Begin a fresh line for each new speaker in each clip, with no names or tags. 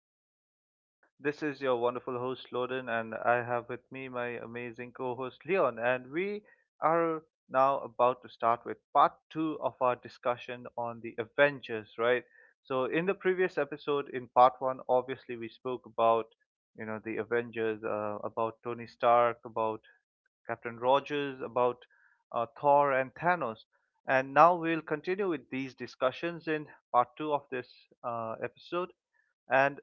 to the podcast. This is your wonderful host, Loden, and I have with me my amazing co host, Leon. And we are now about to start with part two of our discussion on the Avengers, right? So, in the previous episode, in part one, obviously, we spoke about the avengers about tony stark about Captain Rogers, about Thor and Thanos. And now we'll continue with these discussions in part two of this episode. And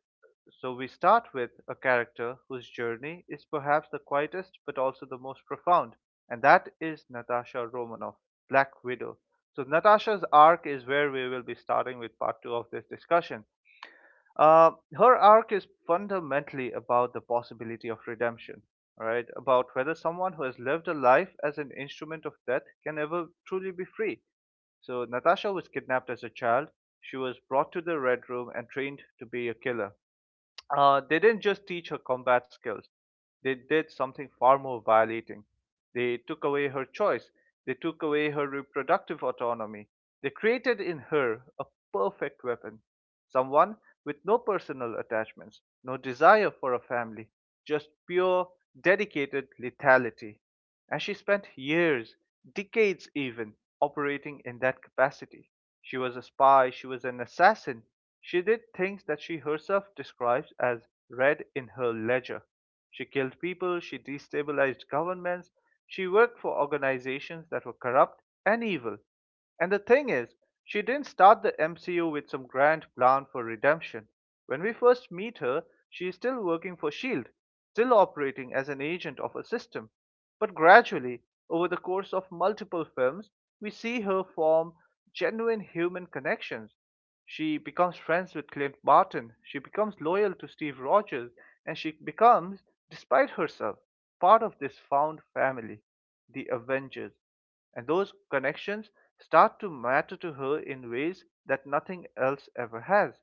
so we start with a character whose journey is perhaps the quietest but also the most profound, and that is Natasha Romanoff, Black Widow. So, Natasha's arc is where we will be starting with part two of this discussion. Uh, her arc is fundamentally about the possibility of redemption, right? About whether someone who has lived a life as an instrument of death can ever truly be free. So, Natasha was kidnapped as a child. She was brought to the Red Room and trained to be a killer. They didn't just teach her combat skills, they did something far more violating. They took away her choice, they took away her reproductive autonomy. They created in her a perfect weapon, someone with no personal attachments, no desire for a family, just pure, dedicated lethality. And she spent years, decades even, operating in that capacity. She was a spy, she was an assassin. She did things that she herself describes as read in her ledger. She killed people, she destabilized governments, she worked for organizations that were corrupt and evil. And the thing is, she didn't start the MCU with some grand plan for redemption. When we first meet her, she is still working for S.H.I.E.L.D., still operating as an agent of a system. But gradually, over the course of multiple films, we see her form genuine human connections. She becomes friends with Clint Barton, she becomes loyal to Steve Rogers, and she becomes, despite herself, part of this found family, the Avengers. And those connections start to matter to her in ways that nothing else ever has.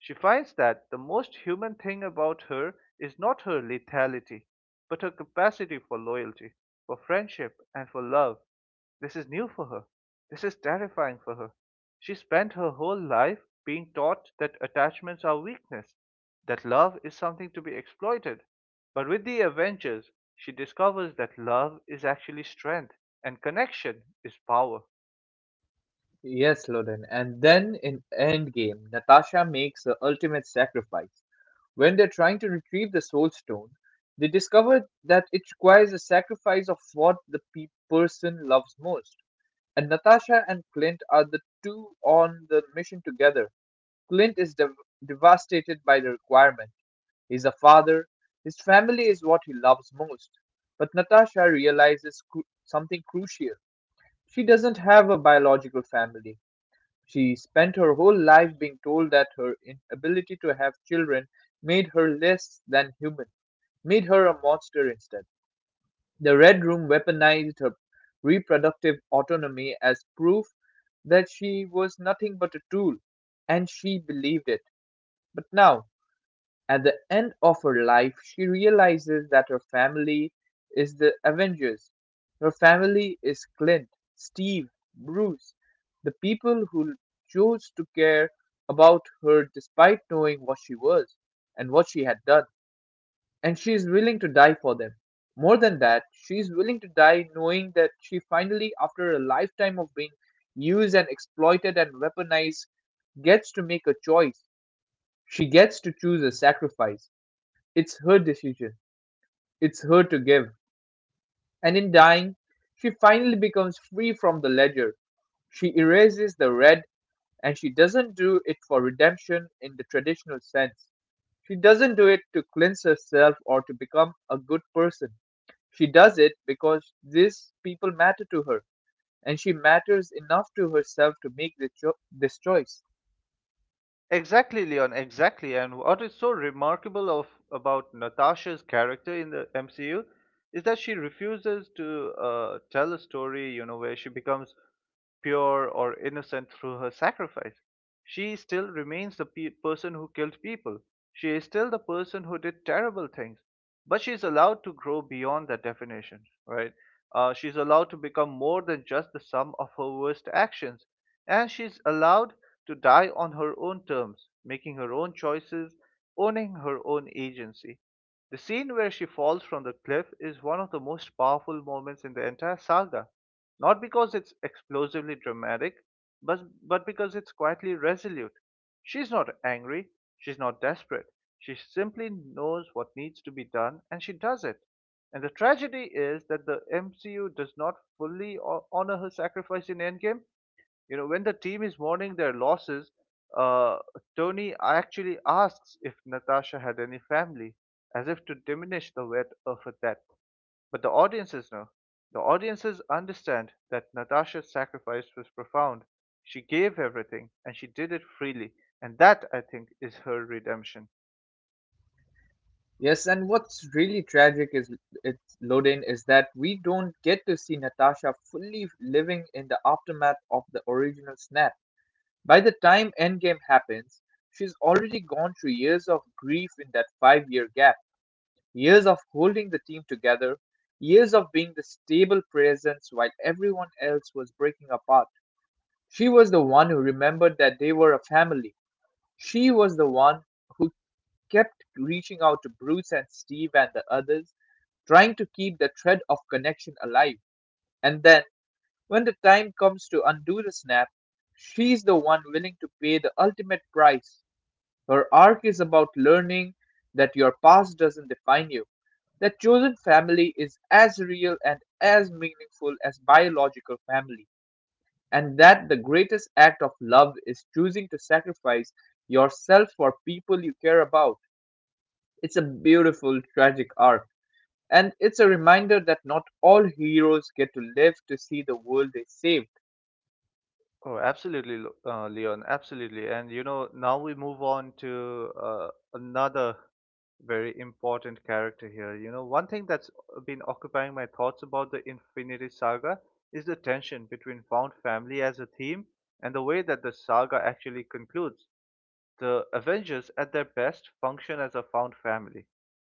She finds that the most human thing about her is not her lethality, but her capacity for loyalty, for friendship, and for love. This is new for her. This is terrifying for her. She spent her whole life being taught that attachments are weakness, that love is something to be exploited. But with the Avengers, she discovers that love is actually strength and connection is power.
Yes, Loden. And then in Endgame, Natasha makes the ultimate sacrifice. When they're trying to retrieve the Soul Stone, they discover that it requires a sacrifice of what the person loves most. And Natasha and Clint are the two on the mission together. Clint is dev- devastated by the requirement. He's a father, his family is what he loves most. But Natasha realizes something crucial. She doesn't have a biological family. She spent her whole life being told that her inability to have children made her less than human, made her a monster instead. The Red Room weaponized her reproductive autonomy as proof that she was nothing but a tool, and she believed it. But now, at the end of her life, she realizes that her family is the Avengers. Her family is Clint, Steve, Bruce, the people who chose to care about her despite knowing what she was and what she had done. And she is willing to die for them. More than that, she is willing to die knowing that she finally, after a lifetime of being used and exploited and weaponized, gets to make a choice. She gets to choose a sacrifice. It's her decision, it's her to give, and in dying, she finally becomes free from the ledger. She erases the red, and she doesn't do it for redemption in the traditional sense. She doesn't do it to cleanse herself or to become a good person. She does it because these people matter to her, and she matters enough to herself to make the this choice.
Exactly, Leon, exactly. And what is so remarkable of about Natasha's character in the MCU is that she refuses to tell a story, you know, where she becomes pure or innocent through her sacrifice. She still remains the person who killed people. She is still the person who did terrible things, but she's allowed to grow beyond that definition, right? She's allowed to become more than just the sum of her worst actions, and she's allowed to die on her own terms, making her own choices, owning her own agency. The scene where she falls from the cliff is one of the most powerful moments in the entire saga, not because it's explosively dramatic, but, because it's quietly resolute. She's not angry, she's not desperate, she simply knows what needs to be done and she does it. And the tragedy is that the MCU does not fully honor her sacrifice in Endgame. You know, when the team is mourning their losses, uh, Tony actually asks if Natasha had any family, as if to diminish the weight of her death. But the audiences know. The audiences understand that Natasha's sacrifice was profound. She gave everything, and she did it freely, and that, I think, is her redemption.
Yes, and what's really tragic is, its Loden, is that we don't get to see Natasha fully living in the aftermath of the original snap. By the time Endgame happens, she's already gone through years of grief in that five-year gap, years of holding the team together, years of being the stable presence while everyone else was breaking apart. She was the one who remembered that they were a family. She was the one who kept reaching out to Bruce and Steve and the others, trying to keep the thread of connection alive. And then, when the time comes to undo the snap, she's the one willing to pay the ultimate price. Her arc is about learning that your past doesn't define you, that chosen family is as real and as meaningful as biological family, and that the greatest act of love is choosing to sacrifice yourself for people you care about. It's a beautiful, tragic arc, and it's a reminder that not all heroes get to live to see the world they saved.
Oh, absolutely, Leon, absolutely. And you know, now we move on to another very important character here. You know, one thing that's been occupying my thoughts about the Infinity Saga is the tension between found family as a theme and the way that the saga actually concludes. The Avengers, at their best, function as a found family.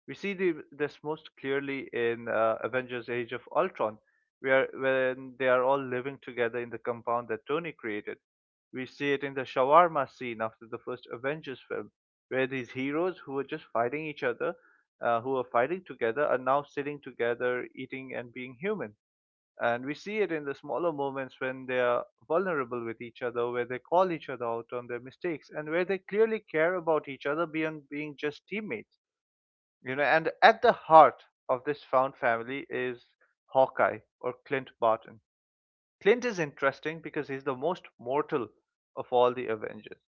We see this most clearly in Avengers Age of Ultron, where when they are all living together in the compound that Tony created. We see it in the shawarma scene after the first Avengers film, where these heroes who were just fighting each other, who are fighting together, are now sitting together, eating, and being human. And we see it in the smaller moments when they are vulnerable with each other, where they call each other out on their mistakes, and where they clearly care about each other beyond being just teammates. You know, and at the heart of this found family is Hawkeye, or Clint Barton. Clint is interesting because he's the most mortal of all the Avengers.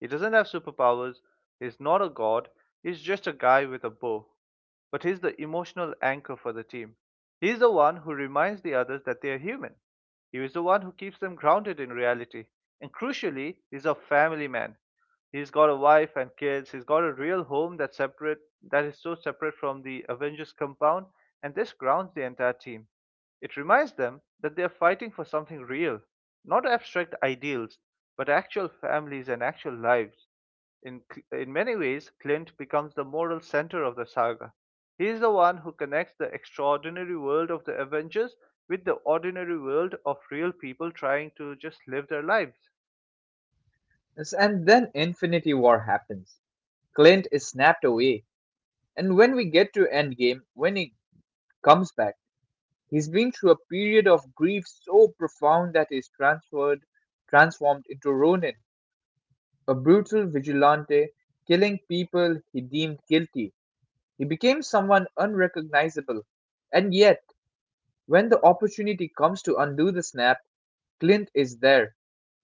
He doesn't have superpowers, he's not a god, he's just a guy with a bow. But he's the emotional anchor for the team. He's the one who reminds the others that they are human. He is the one who keeps them grounded in reality. And crucially, he's a family man. He's got a wife and kids. He's got a real home that's that is so separate from the Avengers compound, and this grounds the entire team. It reminds them that they are fighting for something real, not abstract ideals, but actual families and actual lives. In, in many ways, Clint becomes the moral center of the saga. He is the one who connects the extraordinary world of the Avengers with the ordinary world of real people trying to just live their lives.
And then Infinity War happens. Clint is snapped away, and when we get to Endgame, when he comes back, he's been through a period of grief so profound that he's transformed into Ronin, a brutal vigilante, killing people he deemed guilty. He became someone unrecognizable, and yet, when the opportunity comes to undo the snap, Clint is there.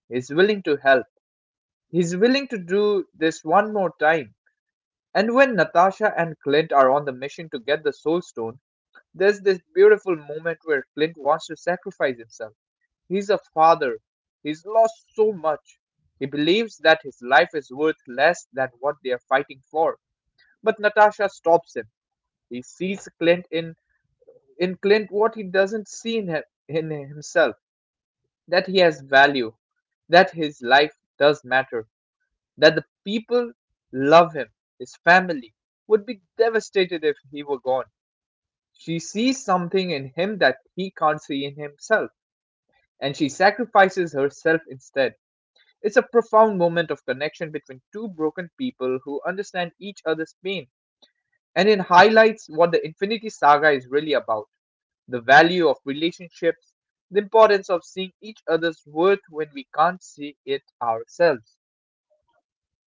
He's willing to help. He's willing to do this one more time. And when Natasha and Clint are on the mission to get the Soul Stone, there's this beautiful moment where Clint wants to sacrifice himself. He's a father. He's lost so much. He believes that his life is worth less than what they are fighting for. But Natasha stops him. He sees Clint in Clint what he doesn't see in himself, that he has value, that his life does matter, that the people love him. His family would be devastated if he were gone. She sees something in him that he can't see in himself, and she sacrifices herself instead. It's a profound moment of connection between two broken people who understand each other's pain, and it highlights what the Infinity Saga is really about: the value of relationships, the importance of seeing each other's worth when we can't see it ourselves.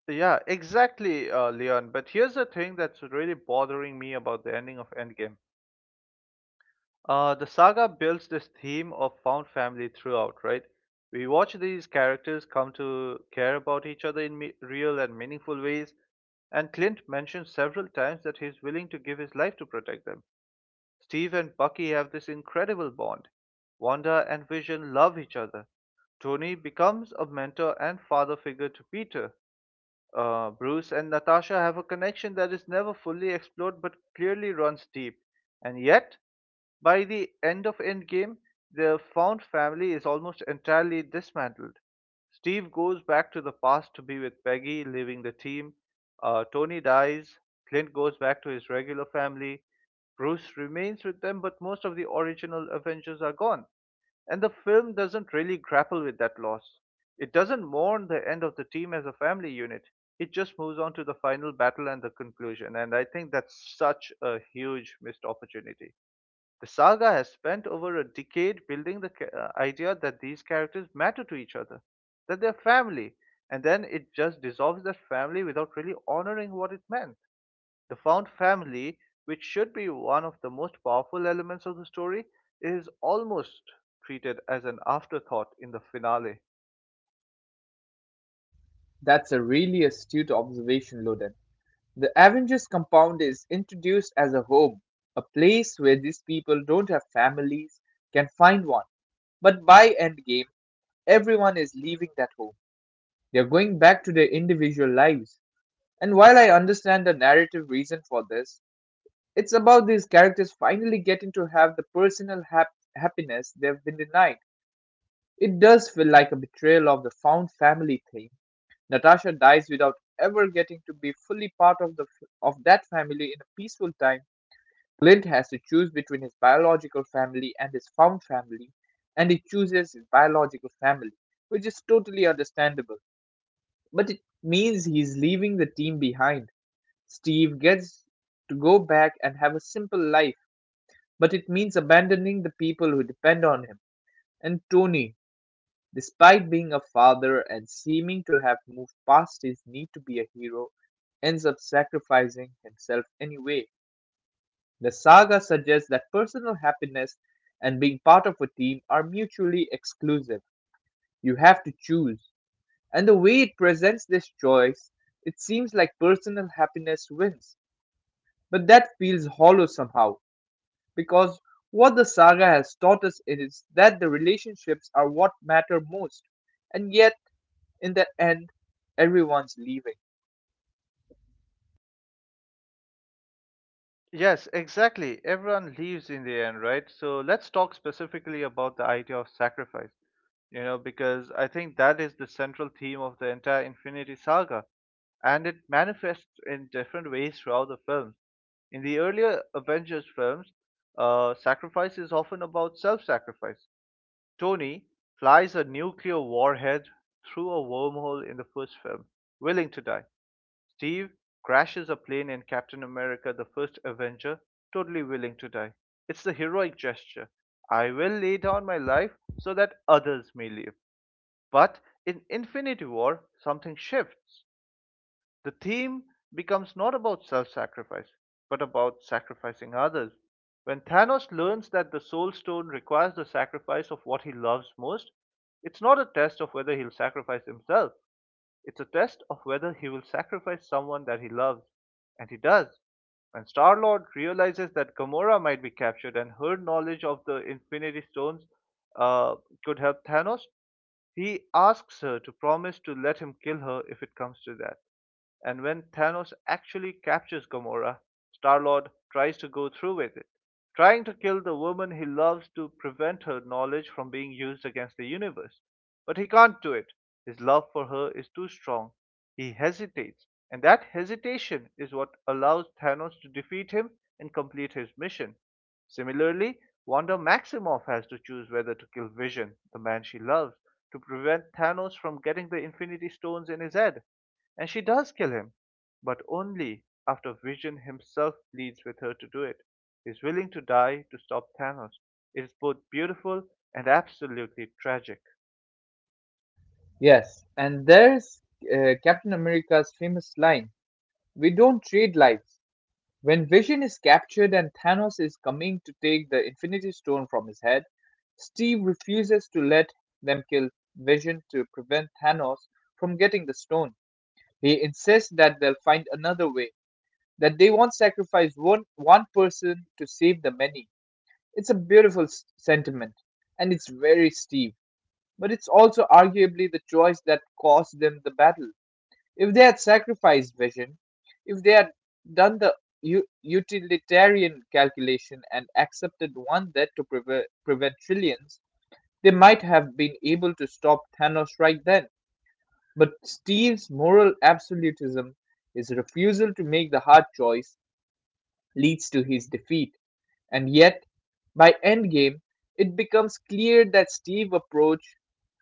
Yeah, exactly, Leon. But here's the thing that's really bothering me about the ending of Endgame. The saga builds this theme of found family throughout, right? We watch these characters come to care about each other in real and meaningful ways, and Clint mentions several times that he's willing to give his life to protect them. Steve and Bucky have this incredible bond. Wanda and Vision love each other. Tony becomes a mentor and father figure to Peter. Bruce and Natasha have a connection that is never fully explored but clearly runs deep. And yet, by the end of Endgame, the Found family is almost entirely dismantled. Steve goes back to the past to be with Peggy, leaving the team. Tony dies. Clint goes back to his regular family. Bruce remains with them, but most of the original Avengers are gone. And the film doesn't really grapple with that loss. It doesn't mourn the end of the team as a family unit. It just moves on to the final battle and the conclusion. And I think that's such a huge missed opportunity. The saga has spent over a decade building the idea that these characters matter to each other, that they're family, and then it just dissolves that family without really honoring what it meant. The found family, which should be one of the most powerful elements of the story, is almost treated as an afterthought in the finale.
That's a really astute observation, Loden. The Avengers compound is introduced as a home, a place where these people don't have families can find one. But by Endgame, everyone is leaving that home. They are going back to their individual lives. And while I understand the narrative reason for this, it's about these characters finally getting to have the personal happiness they've been denied. It does feel like a betrayal of the found family theme. Natasha dies without ever getting to be fully part of the of that family in a peaceful time. Clint has to choose between his biological family and his found family, and he chooses his biological family, which is totally understandable. But it means he's leaving the team behind. Steve gets to go back and have a simple life, but it means abandoning the people who depend on him. And Tony, despite being a father and seeming to have moved past his need to be a hero, ends up sacrificing himself anyway. The saga suggests that personal happiness and being part of a team are mutually exclusive. You have to choose. And the way it presents this choice, it seems like personal happiness wins. But that feels hollow somehow. Because what the saga has taught us is that the relationships are what matter most, and yet, in the end, everyone's leaving.
Yes, exactly. Everyone leaves in the end, right? So let's talk specifically about the idea of sacrifice, you know, because I think that is the central theme of the entire Infinity Saga, and it manifests in different ways throughout the films. In the earlier Avengers films, sacrifice is often about self sacrifice. Tony flies a nuclear warhead through a wormhole in the first film, willing to die. Steve crashes a plane in Captain America the First Avenger, totally willing to die. It's the heroic gesture. I will lay down my life so that others may live. But in Infinity War, something shifts. The theme becomes not about self sacrifice, but about sacrificing others. When Thanos learns that the Soul Stone requires the sacrifice of what he loves most, it's not a test of whether he'll sacrifice himself. It's a test of whether he will sacrifice someone that he loves. And he does. When Star-Lord realizes that Gamora might be captured and her knowledge of the Infinity Stones uh, could help Thanos, he asks her to promise to let him kill her if it comes to that. And when Thanos actually captures Gamora, Star-Lord tries to go through with it, trying to kill the woman he loves to prevent her knowledge from being used against the universe. But he can't do it. His love for her is too strong. He hesitates, and that hesitation is what allows Thanos to defeat him and complete his mission. Similarly, Wanda Maximoff has to choose whether to kill Vision, the man she loves, to prevent Thanos from getting the Infinity Stones in his head. And she does kill him, but only after Vision himself pleads with her to do it. He's willing to die to stop Thanos. It is both beautiful and absolutely tragic.
Yes, and there's Captain America's famous line: we don't trade lives. When Vision is captured and Thanos is coming to take the Infinity Stone from his head, Steve refuses to let them kill Vision to prevent Thanos from getting the stone. He insists that they'll find another way, that they won't sacrifice one person to save the many. It's a beautiful sentiment, and it's very steep, but it's also arguably the choice that cost them the battle. If they had sacrificed vision, if they had done the utilitarian calculation and accepted one death to prevent trillions, they might have been able to stop Thanos right then. But Steve's moral absolutism, his refusal to make the hard choice, leads to his defeat. And yet, by Endgame, it becomes clear that Steve's approach,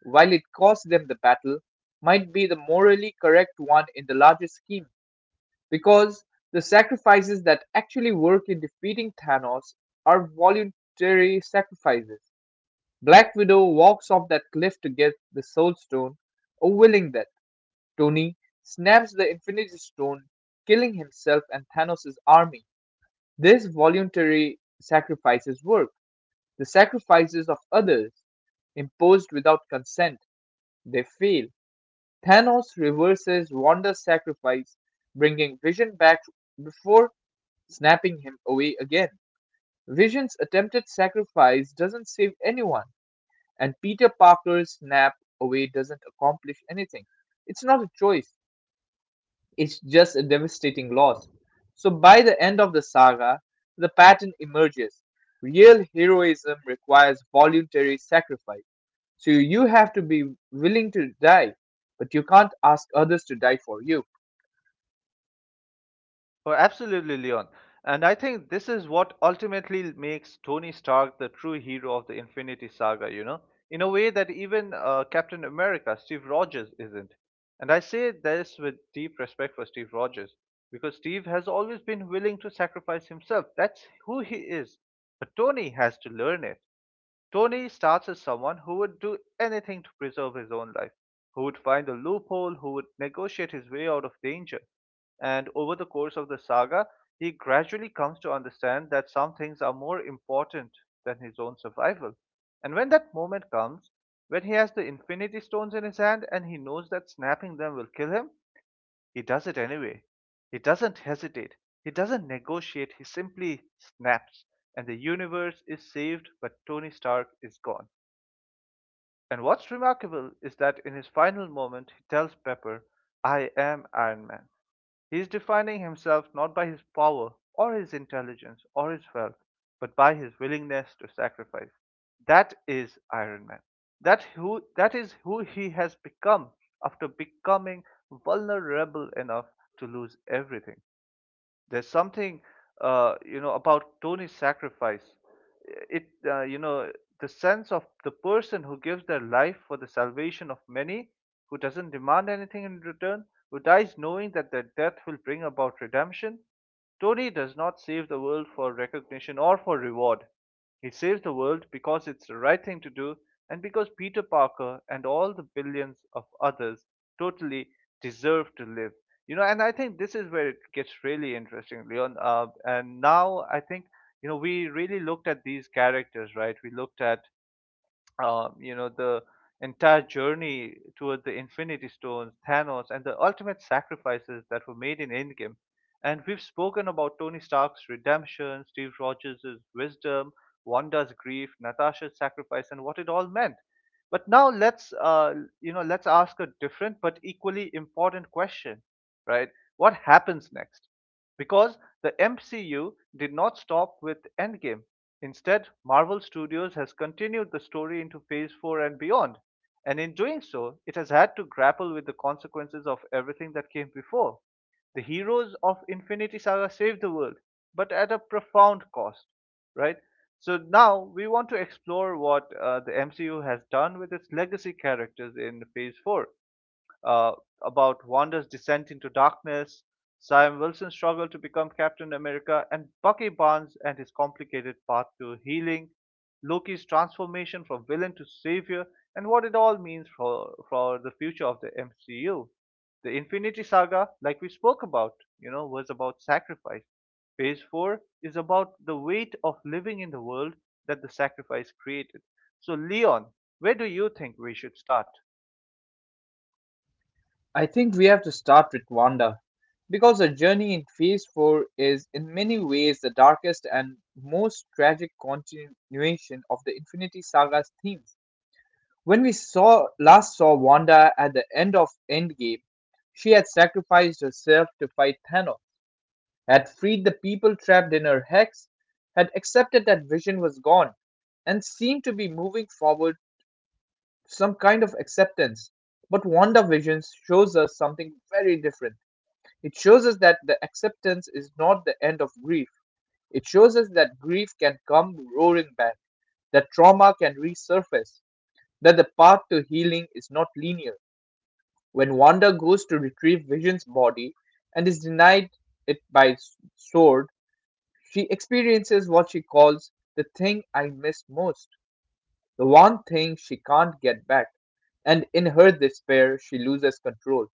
while it cost them the battle, might be the morally correct one in the larger scheme, because the sacrifices that actually work in defeating Thanos are voluntary sacrifices. Black Widow walks off that cliff to get the Soul Stone, a willing death. Tony snaps the Infinity Stone, killing himself and Thanos' army. This voluntary sacrifices work. The sacrifices of others, imposed without consent, they fail. Thanos reverses Wanda's sacrifice, bringing Vision back before snapping him away again. Vision's attempted sacrifice doesn't save anyone, and Peter Parker's snap away doesn't accomplish anything. It's not a choice, it's just a devastating loss. So by the end of the saga, the pattern emerges. Real heroism requires voluntary sacrifice. So you have to be willing to die, but you can't ask others to die for you.
Oh, absolutely, Leon. And I think this is what ultimately makes Tony Stark the true hero of the Infinity Saga, you know, in a way that even Captain America, Steve Rogers, isn't. And I say this with deep respect for Steve Rogers, because Steve has always been willing to sacrifice himself. That's who he is. But Tony has to learn it. Tony starts as someone who would do anything to preserve his own life, who would find a loophole, who would negotiate his way out of danger. And over the course of the saga, he gradually comes to understand that some things are more important than his own survival. And when that moment comes, when he has the Infinity Stones in his hand and he knows that snapping them will kill him, he does it anyway. He doesn't hesitate. He doesn't negotiate. He simply snaps. And the universe is saved, but Tony Stark is gone. And what's remarkable is that in his final moment, he tells Pepper, I am Iron Man. He is defining himself not by his power or his intelligence or his wealth, but by his willingness to sacrifice. That is Iron Man. That who that is who he has become after becoming vulnerable enough to lose everything. There's something about Tony's sacrifice. It, you know, the sense of the person who gives their life for the salvation of many, who doesn't demand anything in return, who dies knowing that their death will bring about redemption. Tony does not save the world for recognition or for reward. He saves the world because it's the right thing to do and because Peter Parker and all the billions of others totally deserve to live. And I think this is where it gets really interesting, Leon. And now I think, you know, we really looked at these characters, right? We looked at, you know, the entire journey toward the Infinity Stones, Thanos, and the ultimate sacrifices that were made in Endgame. And we've spoken about Tony Stark's redemption, Steve Rogers' wisdom, Wanda's grief, Natasha's sacrifice, and what it all meant. But now let's, you know, let's ask a different but equally important question, right? What happens next? Because the MCU did not stop with Endgame. Instead, Marvel Studios has continued the story into Phase 4 and beyond. And in doing so, it has had to grapple with the consequences of everything that came before. The heroes of Infinity Saga save the world, but at a profound cost, right? So now we want to explore what the MCU has done with its legacy characters in Phase 4. uh, about Wanda's descent into darkness, Sam Wilson's struggle to become Captain America, and Bucky Barnes and his complicated path to healing, Loki's transformation from villain to savior, and what it all means for the future of the MCU. The Infinity Saga, like we spoke about, you know, was about sacrifice. Phase 4 is about the weight of living in the world that the sacrifice created. So, Leon, where do you think we should start?
I think we have to start with Wanda, because her journey in Phase 4 is, in many ways, the darkest and most tragic continuation of the Infinity Saga's themes. When we saw last saw Wanda at the end of Endgame, she had sacrificed herself to fight Thanos, had freed the people trapped in her hex, had accepted that Vision was gone, and seemed to be moving forward to some kind of acceptance. But Wanda Vision shows us something very different. It shows us that the acceptance is not the end of grief. It shows us that grief can come roaring back, that trauma can resurface, that the path to healing is not linear. When Wanda goes to retrieve Vision's body and is denied it by Sword, she experiences what she calls the thing I miss most, the one thing she can't get back. And in her despair, she loses control.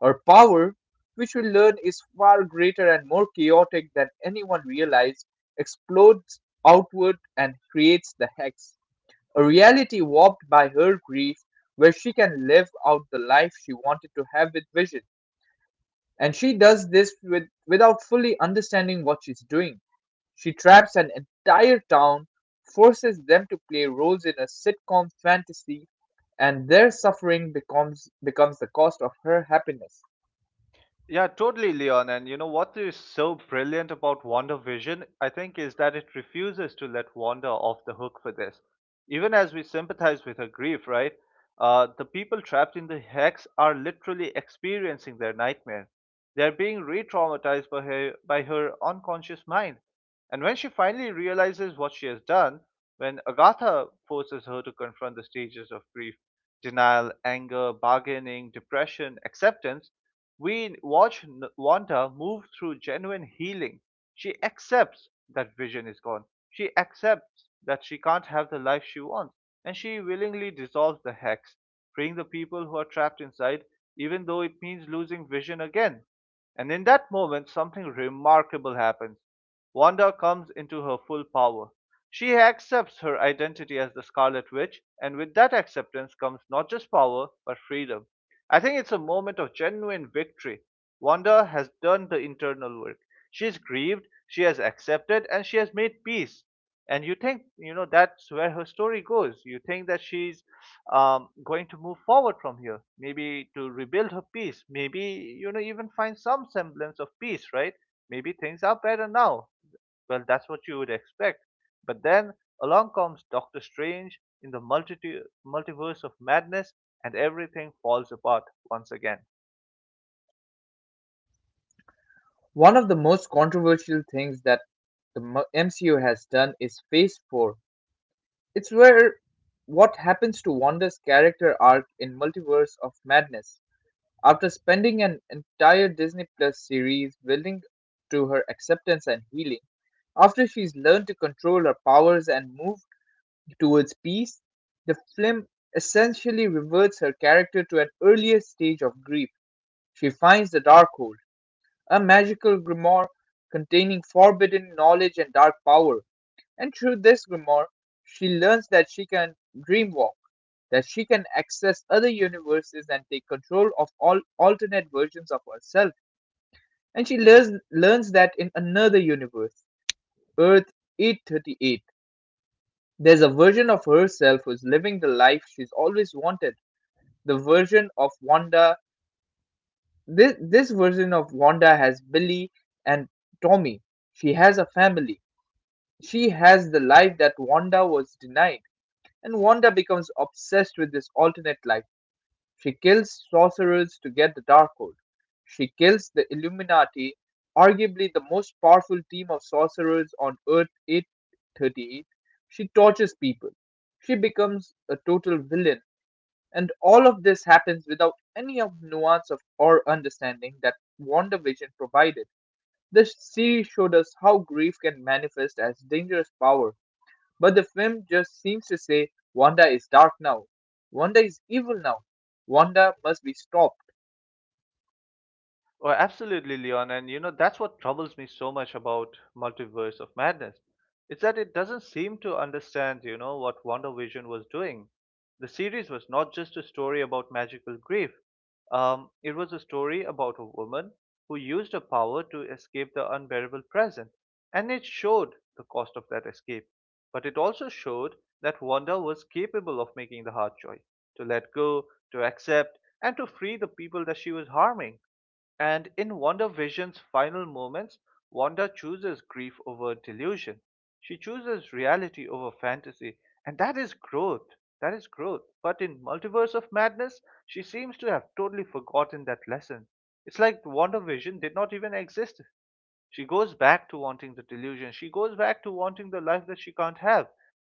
Her power, which we learn is far greater and more chaotic than anyone realized, explodes outward and creates the Hex, a reality warped by her grief where she can live out the life she wanted to have with Vision. And she does this without fully understanding what she's doing. She traps an entire town, forces them to play roles in a sitcom fantasy, and their suffering becomes the cost of her happiness.
Yeah, totally, Leon. And you know what is so brilliant about Wonder Vision, I think, is that it refuses to let Wanda off the hook for this. Even as we sympathize with her grief, right? The people trapped in the hex are literally experiencing their nightmare. They are being re-traumatized by her unconscious mind. And when she finally realizes what she has done, when Agatha forces her to confront the stages of grief, denial, anger, bargaining, depression, acceptance, we watch Wanda move through genuine healing. She accepts that vision is gone. She accepts that she can't have the life she wants. And she willingly dissolves the hex, freeing the people who are trapped inside, even though it means losing vision again. And in that moment, something remarkable happens. Wanda comes into her full power. She accepts her identity as the Scarlet Witch, and with that acceptance comes not just power, but freedom. I think it's a moment of genuine victory. Wanda has done the internal work. She's grieved, she has accepted, and she has made peace. And you think, you know, that's where her story goes. You think that she's going to move forward from here, maybe to rebuild her peace, maybe, you know, even find some semblance of peace, right? Maybe things are better now. Well, that's what you would expect. But then along comes Doctor Strange in the Multiverse of Madness, and everything falls apart once again.
One of the most controversial things that the MCU has done is Phase 4. It's where what happens to Wanda's character arc in Multiverse of Madness. After spending an entire Disney Plus series building to her acceptance and healing, after she's learned to control her powers and moved towards peace, the film essentially reverts her character to an earlier stage of grief. She finds the Darkhold, a magical grimoire containing forbidden knowledge and dark power, and through this grimoire, she learns that she can dream walk, that she can access other universes and take control of all alternate versions of herself. And she learns that in another universe, Earth 838, there's a version of herself who's living the life she's always wanted. The version of Wanda, this version of Wanda has Billy and Tommy. She has a family. She has the life that Wanda was denied. And Wanda becomes obsessed with this alternate life. She kills sorcerers to get the Darkhold. She kills the Illuminati, arguably the most powerful team of sorcerers on Earth 838. She tortures people. She becomes a total villain. And all of this happens without any of the nuance of or understanding that WandaVision provided. The series showed us how grief can manifest as dangerous power, but the film just seems to say Wanda is dark now, Wanda is evil now, Wanda must be stopped.
Oh, absolutely, Leon. And you know, that's what troubles me so much about Multiverse of Madness. It's that it doesn't seem to understand, you know, what WandaVision was doing. The series was not just a story about magical grief. It was a story about a woman who used her power to escape the unbearable present. And it showed the cost of that escape. But it also showed that Wanda was capable of making the hard choice to let go, to accept, and to free the people that she was harming. And in Wonder Vision's final moments, Wanda chooses grief over delusion. She chooses reality over fantasy. And that is growth. That is growth. But in Multiverse of Madness, she seems to have totally forgotten that lesson. It's like Wonder Vision did not even exist. She goes back to wanting the delusion. She goes back to wanting the life that she can't have.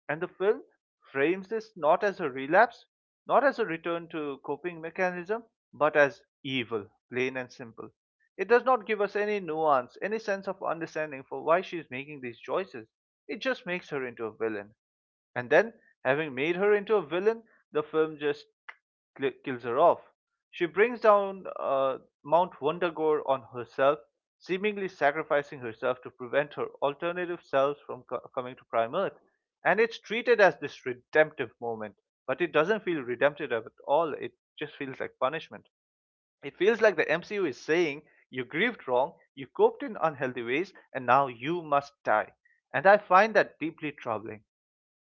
And the film frames this not as a relapse, not as a return to coping mechanism, but as evil, plain and simple. It does not give us any nuance, any sense of understanding for why she is making these choices. It just makes her into a villain. And then, having made her into a villain, the film just kills her off. She brings down Mount Wundagore on herself, seemingly sacrificing herself to prevent her alternative selves from coming to Prime Earth. And it's treated as this redemptive moment, but it doesn't feel redemptive at all. It just feels like punishment. It feels like the MCU is saying, You grieved wrong, you coped in unhealthy ways, and now you must die. And I find that deeply troubling.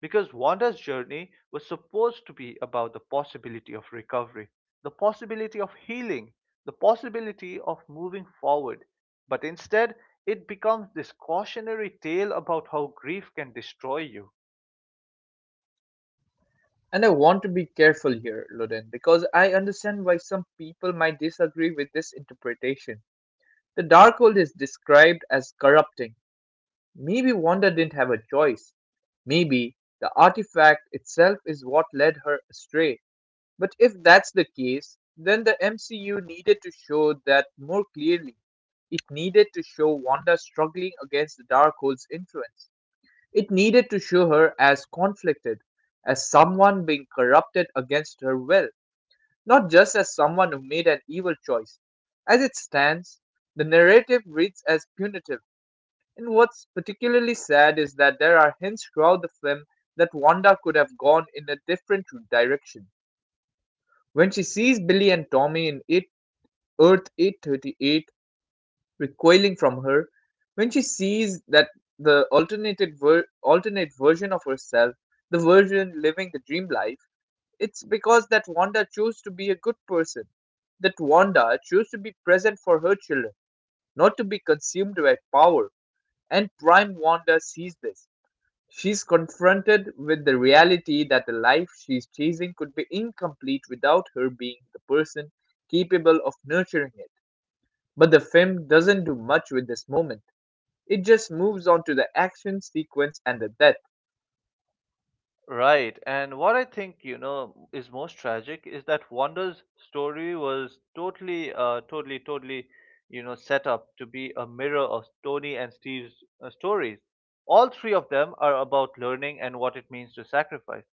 Because Wanda's journey was supposed to be about the possibility of recovery, the possibility of healing, the possibility of moving forward. But instead, it becomes this cautionary tale about how grief can destroy you.
And I want to be careful here, Loden, because I understand why some people might disagree with this interpretation. The Darkhold is described as corrupting. Maybe Wanda didn't have a choice. Maybe the artifact itself is what led her astray. But if that's the case, then the MCU needed to show that more clearly. It needed to show Wanda struggling against the Darkhold's influence. It needed to show her as conflicted, as someone being corrupted against her will, not just as someone who made an evil choice. As it stands, the narrative reads as punitive, and what's particularly sad is that there are hints throughout the film that Wanda could have gone in a different direction. When she sees Billy and Tommy in it, Earth 838, recoiling from her, when she sees that alternate version of herself, the version living the dream life, it's because that Wanda chose to be a good person. That Wanda chose to be present for her children, not to be consumed by power. And Prime Wanda sees this. She's confronted with the reality that the life she's chasing could be incomplete without her being the person capable of nurturing it. But the film doesn't do much with this moment. It just moves on to the action sequence and the death.
Right. And what I think, you know, is most tragic is that Wanda's story was totally, you know, set up to be a mirror of Tony and Steve's stories. All three of them are about learning and what it means to sacrifice.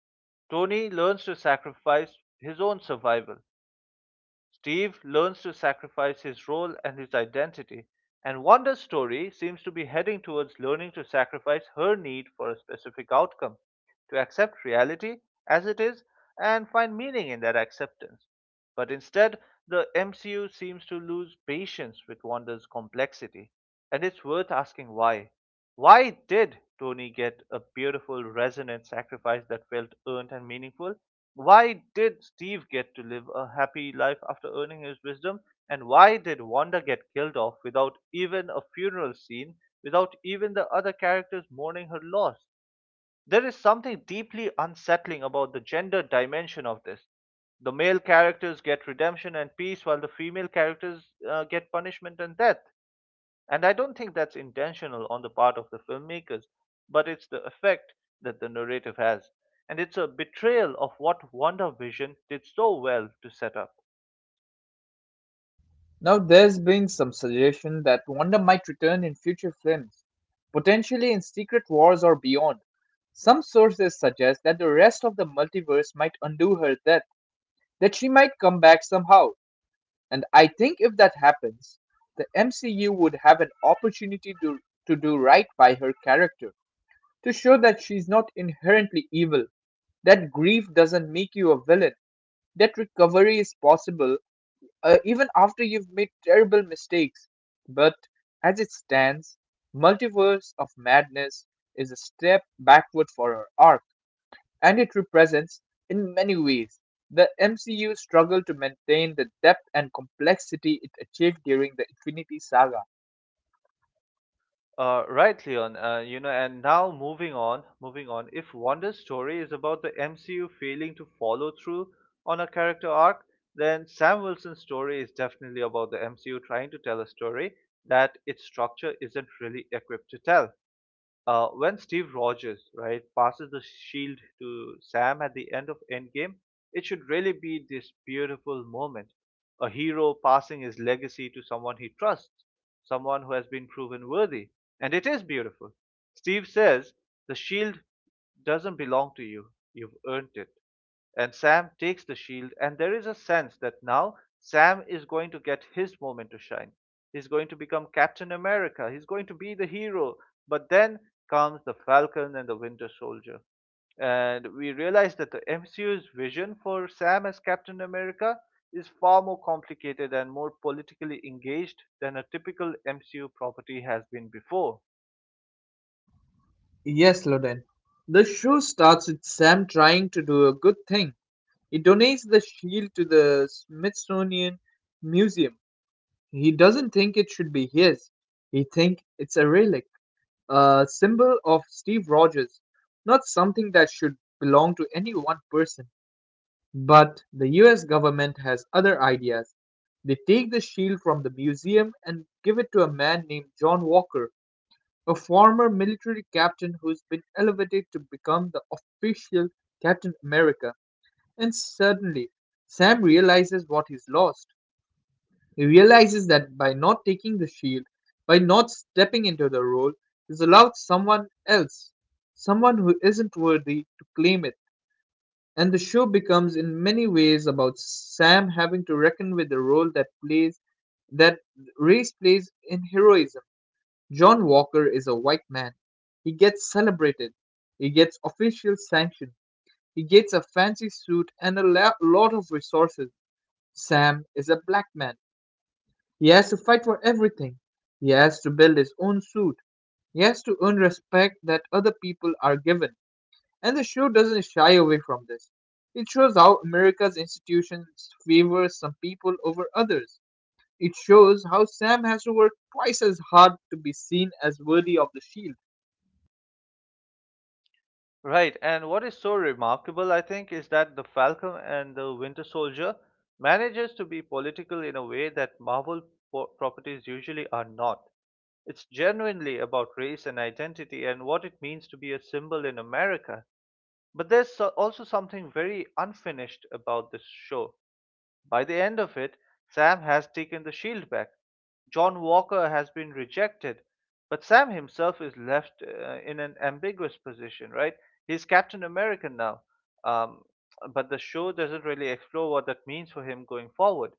Tony learns to sacrifice his own survival. Steve learns to sacrifice his role and his identity. And Wanda's story seems to be heading towards learning to sacrifice her need for a specific outcome, to accept reality as it is and find meaning in that acceptance. But instead, the MCU seems to lose patience with Wanda's complexity, and it's worth asking why. Why did Tony get a beautiful, resonant sacrifice that felt earned and meaningful? Why did Steve get to live a happy life after earning his wisdom? And why did Wanda get killed off without even a funeral scene, without even the other characters mourning her loss? There is something deeply unsettling about the gender dimension of this. The male characters get redemption and peace, while the female characters get punishment and death. And I don't think that's intentional on the part of the filmmakers, but it's the effect that the narrative has. And it's a betrayal of what Wonder Vision did so well to set up.
Now, there's been some suggestion that Wanda might return in future films, potentially in Secret Wars or beyond. Some sources suggest that the rest of the multiverse might undo her death, that she might come back somehow. And I think if that happens, the MCU would have an opportunity to do right by her character, to show that she's not inherently evil, that grief doesn't make you a villain, that recovery is possible even after you've made terrible mistakes. But as it stands, Multiverse of Madness is a step backward for her arc, and it represents, in many ways, the MCU's struggle to maintain the depth and complexity it achieved during the Infinity Saga.
Right, Leon. You know, and now moving on, moving on. If Wanda's story is about the MCU failing to follow through on a character arc, then Sam Wilson's story is definitely about the MCU trying to tell a story that its structure isn't really equipped to tell. When Steve Rogers, right, passes the shield to Sam at the end of Endgame, it should really be this beautiful moment. A hero passing his legacy to someone he trusts, someone who has been proven worthy. And it is beautiful. Steve says, The shield doesn't belong to you, you've earned it. And Sam takes the shield. And there is a sense that now Sam is going to get his moment to shine. He's going to become Captain America. He's going to be the hero. But then comes the Falcon and the Winter Soldier. And we realize that the MCU's vision for Sam as Captain America is far more complicated and more politically engaged than a typical MCU property has been before.
Yes, Loden. The show starts with Sam trying to do a good thing. He donates the shield to the Smithsonian Museum. He doesn't think it should be his. He thinks it's a relic, a symbol of Steve Rogers, not something that should belong to any one person. But the US government has other ideas. They take the shield from the museum and give it to a man named John Walker, a former military captain who's been elevated to become the official Captain America. And suddenly, Sam realizes what he's lost. He realizes that by not taking the shield, by not stepping into the role, he's allowed someone else, someone who isn't worthy, to claim it. And the show becomes in many ways about Sam having to reckon with the role that plays that race plays in heroism. John Walker is a white man. He gets celebrated. He gets official sanction. He gets a fancy suit and a lot of resources. Sam is a black man. He has to fight for everything. He has to build his own suit. He has to earn respect that other people are given. And the show doesn't shy away from this. It shows how America's institutions favor some people over others. It shows how Sam has to work twice as hard to be seen as worthy of the shield.
Right, and what is so remarkable, I think, is that the Falcon and the Winter Soldier manages to be political in a way that Marvel properties usually are not. It's genuinely about race and identity and what it means to be a symbol in America. But there's also something very unfinished about this show. By the end of it, Sam has taken the shield back. John Walker has been rejected, but Sam himself is left in an ambiguous position, right? He's Captain American now, um, but the show doesn't really explore what that means for him going forward.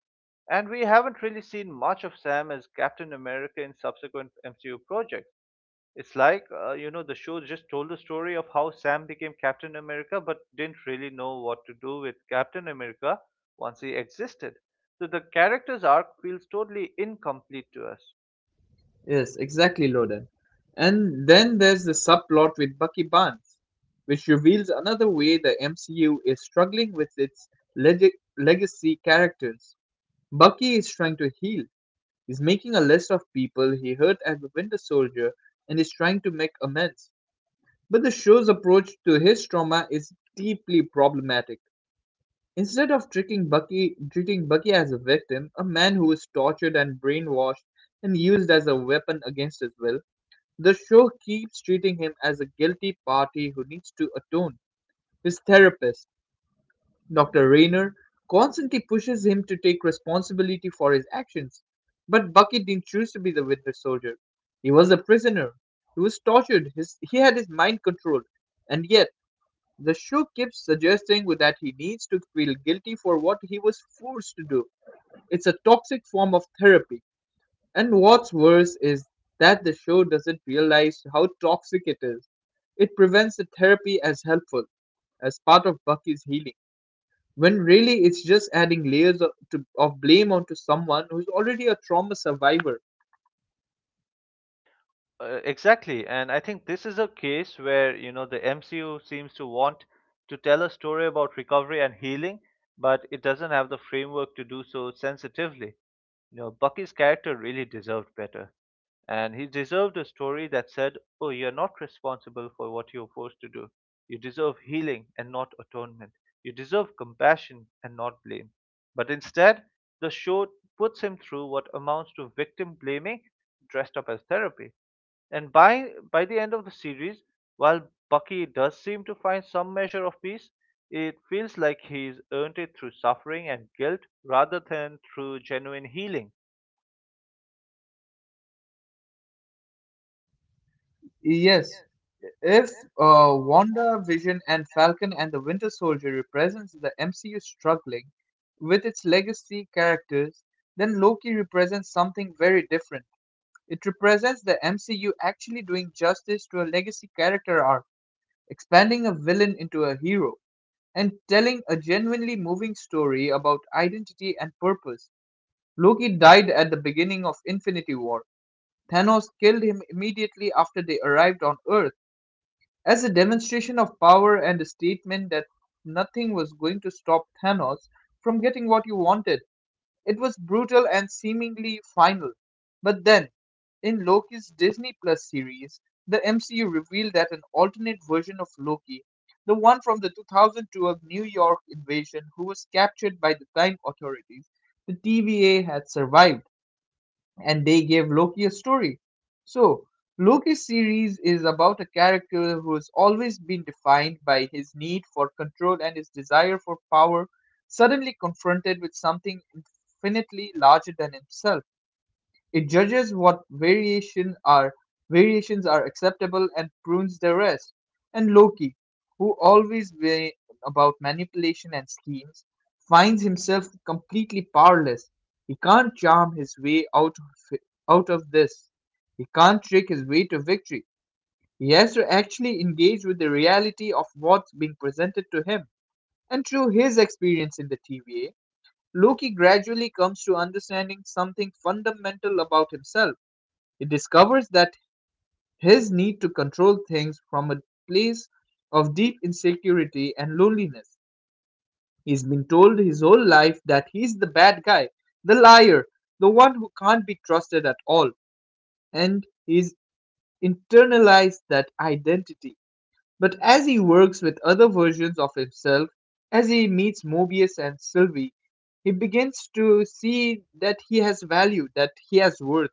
And we haven't really seen much of Sam as Captain America in subsequent MCU projects. It's like, the show just told the story of how Sam became Captain America but didn't really know what to do with Captain America once he existed. So the character's arc feels totally incomplete to us.
Yes, exactly, Loden. And then there's the subplot with Bucky Barnes, which reveals another way the MCU is struggling with its leg- legacy characters. Bucky is trying to heal. He's making a list of people he hurt as the Winter Soldier and is trying to make amends. But the show's approach to his trauma is deeply problematic. Instead of treating Bucky as a victim, a man who is tortured and brainwashed and used as a weapon against his will, the show keeps treating him as a guilty party who needs to atone. His therapist, Dr. Rayner, constantly pushes him to take responsibility for his actions. But Bucky didn't choose to be the Winter Soldier. He was a prisoner. He was tortured. He had his mind controlled. And yet, the show keeps suggesting that he needs to feel guilty for what he was forced to do. It's a toxic form of therapy. And what's worse is that the show doesn't realize how toxic it is. It prevents the therapy as helpful, as part of Bucky's healing, when really it's just adding layers of blame onto someone who's already a trauma survivor.
Exactly, and I think this is a case where, you know, the MCU seems to want to tell a story about recovery and healing, but it doesn't have the framework to do so sensitively. You know, Bucky's character really deserved better. And he deserved a story that said, "Oh, you're not responsible for what you're forced to do. You deserve healing and not atonement. You deserve compassion and not blame." But instead, the show puts him through what amounts to victim blaming dressed up as therapy. And by the end of the series, while Bucky does seem to find some measure of peace, it feels like he's earned it through suffering and guilt rather than through genuine healing.
Yes.
Yes,
If
there's
uh,
one
Wanda, Vision,
big.
and Falcon and the Winter Soldier represents the MCU struggling with its legacy characters, then Loki represents something very different. It represents the MCU actually doing justice to a legacy character arc, expanding a villain into a hero, and telling a genuinely moving story about identity and purpose. Loki died at the beginning of Infinity War. Thanos killed him immediately after they arrived on Earth as a demonstration of power and a statement that nothing was going to stop Thanos from getting what you wanted. It was brutal and seemingly final. But then, in Loki's Disney Plus series, the MCU revealed that an alternate version of Loki, the one from the 2012 New York invasion who was captured by the Time Authorities, the TVA, had survived, and they gave Loki a story. So, Loki's series is about a character who has always been defined by his need for control and his desire for power, suddenly confronted with something infinitely larger than himself. It judges what variation are variations are acceptable and prunes the rest. And Loki, who always way about manipulation and schemes, finds himself completely powerless. He can't charm his way out of this. He can't trick his way to victory. He has to actually engage with the reality of what's being presented to him. And through his experience in the TVA, Loki gradually comes to understanding something fundamental about himself. He discovers that his need to control things from a place of deep insecurity and loneliness. He's been told his whole life that he's the bad guy, the liar, the one who can't be trusted at all, and he's internalized that identity. But as he works with other versions of himself, as he meets Mobius and Sylvie, he begins to see that he has value, that he has worth,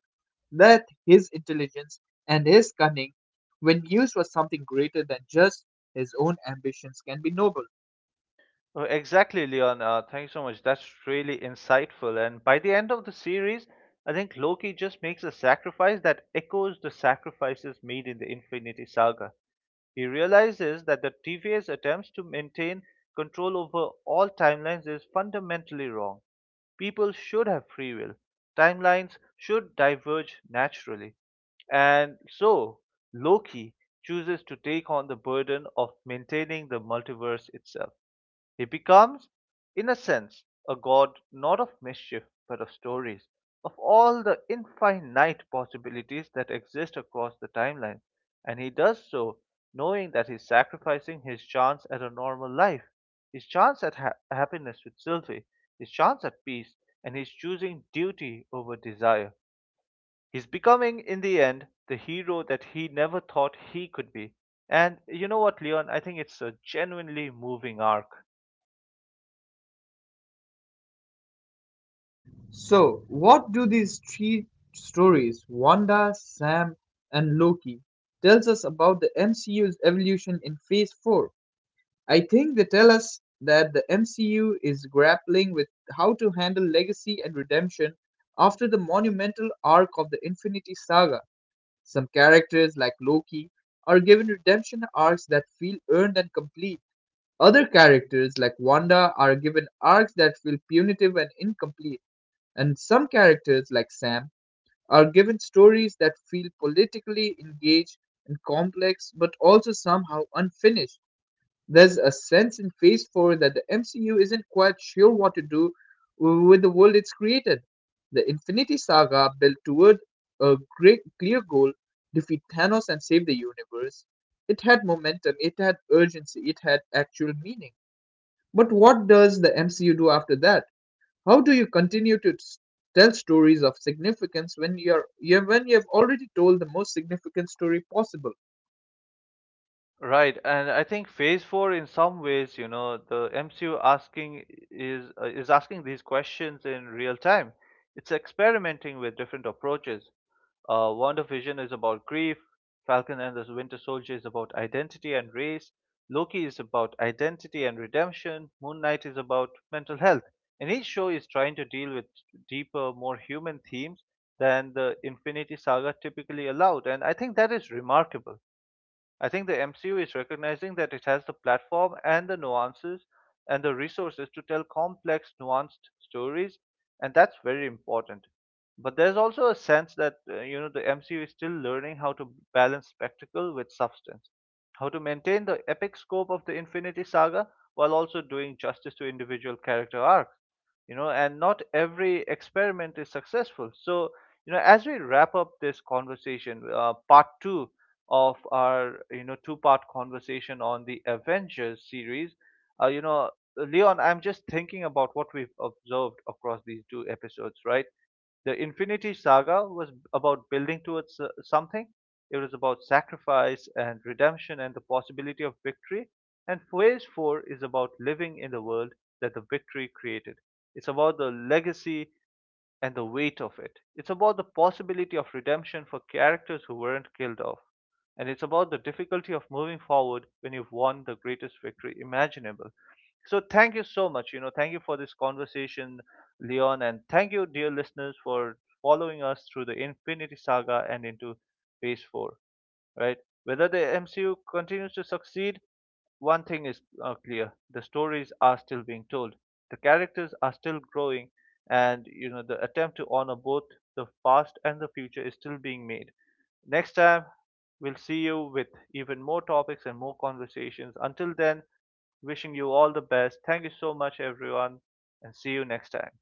that his intelligence and his cunning, when used for something greater than just his own ambitions, can be noble.
Oh, exactly, Leon. Thank you so much. That's really insightful. And by the end of the series, I think Loki just makes a sacrifice that echoes the sacrifices made in the Infinity Saga. He realizes that the TVS attempts to maintain control over all timelines is fundamentally wrong. People should have free will. Timelines should diverge naturally. And so, Loki chooses to take on the burden of maintaining the multiverse itself. He becomes, in a sense, a god not of mischief but of stories, of all the infinite possibilities that exist across the timeline, and he does so knowing that he's sacrificing his chance at a normal life, his chance at happiness with Sylvie, his chance at peace, and he's choosing duty over desire. He's becoming, in the end, the hero that he never thought he could be. And you know what, Leon? I think it's a genuinely moving arc.
So, what do these three stories, Wanda, Sam, and Loki, tells us about the MCU's evolution in Phase 4? I think they tell us that the MCU is grappling with how to handle legacy and redemption after the monumental arc of the Infinity Saga. Some characters, like Loki, are given redemption arcs that feel earned and complete. Other characters, like Wanda, are given arcs that feel punitive and incomplete. And some characters, like Sam, are given stories that feel politically engaged and complex but also somehow unfinished. There's a sense in Phase 4 that the MCU isn't quite sure what to do with the world it's created. The Infinity Saga built toward a great clear goal, defeat Thanos and save the universe. It had momentum, it had urgency, it had actual meaning. But what does the MCU do after that? How do you continue to tell stories of significance when you're you when you've already told the most significant story possible?
Right, and I think Phase Four, in some ways, you know, the MCU asking is uh, is asking these questions in real time. It's experimenting with different approaches. WandaVision is about grief. Falcon and the Winter Soldier is about identity and race. Loki is about identity and redemption. Moon Knight is about mental health. And each show is trying to deal with deeper, more human themes than the Infinity Saga typically allowed. And I think that is remarkable. I think the MCU is recognizing that it has the platform and the nuances and the resources to tell complex, nuanced stories, and that's very important. But there's also a sense that you know, the MCU is still learning how to balance spectacle with substance, how to maintain the epic scope of the Infinity Saga while also doing justice to individual character arcs. You know, and not every experiment is successful. So, you know, as we wrap up this conversation, part two of our, you know, two-part conversation on the Avengers series. Uh, you know, Leon, I'm just thinking about what we've observed across these two episodes, right? The Infinity Saga was about building towards something. It was about sacrifice and redemption and the possibility of victory. And Phase 4 is about living in the world that the victory created. It's about the legacy and the weight of it. It's about the possibility of redemption for characters who weren't killed off. And it's about the difficulty of moving forward when you've won the greatest victory imaginable. So thank you so much. You know, thank you for this conversation, Leon, and thank you, dear listeners, for following us through the Infinity Saga and into Phase Four. Right? Whether the MCU continues to succeed, one thing is clear: the stories are still being told, the characters are still growing, and you know the attempt to honor both the past and the future is still being made. Next time, we'll see you with even more topics and more conversations. Until then, wishing you all the best. Thank you so much, everyone, and see you next time.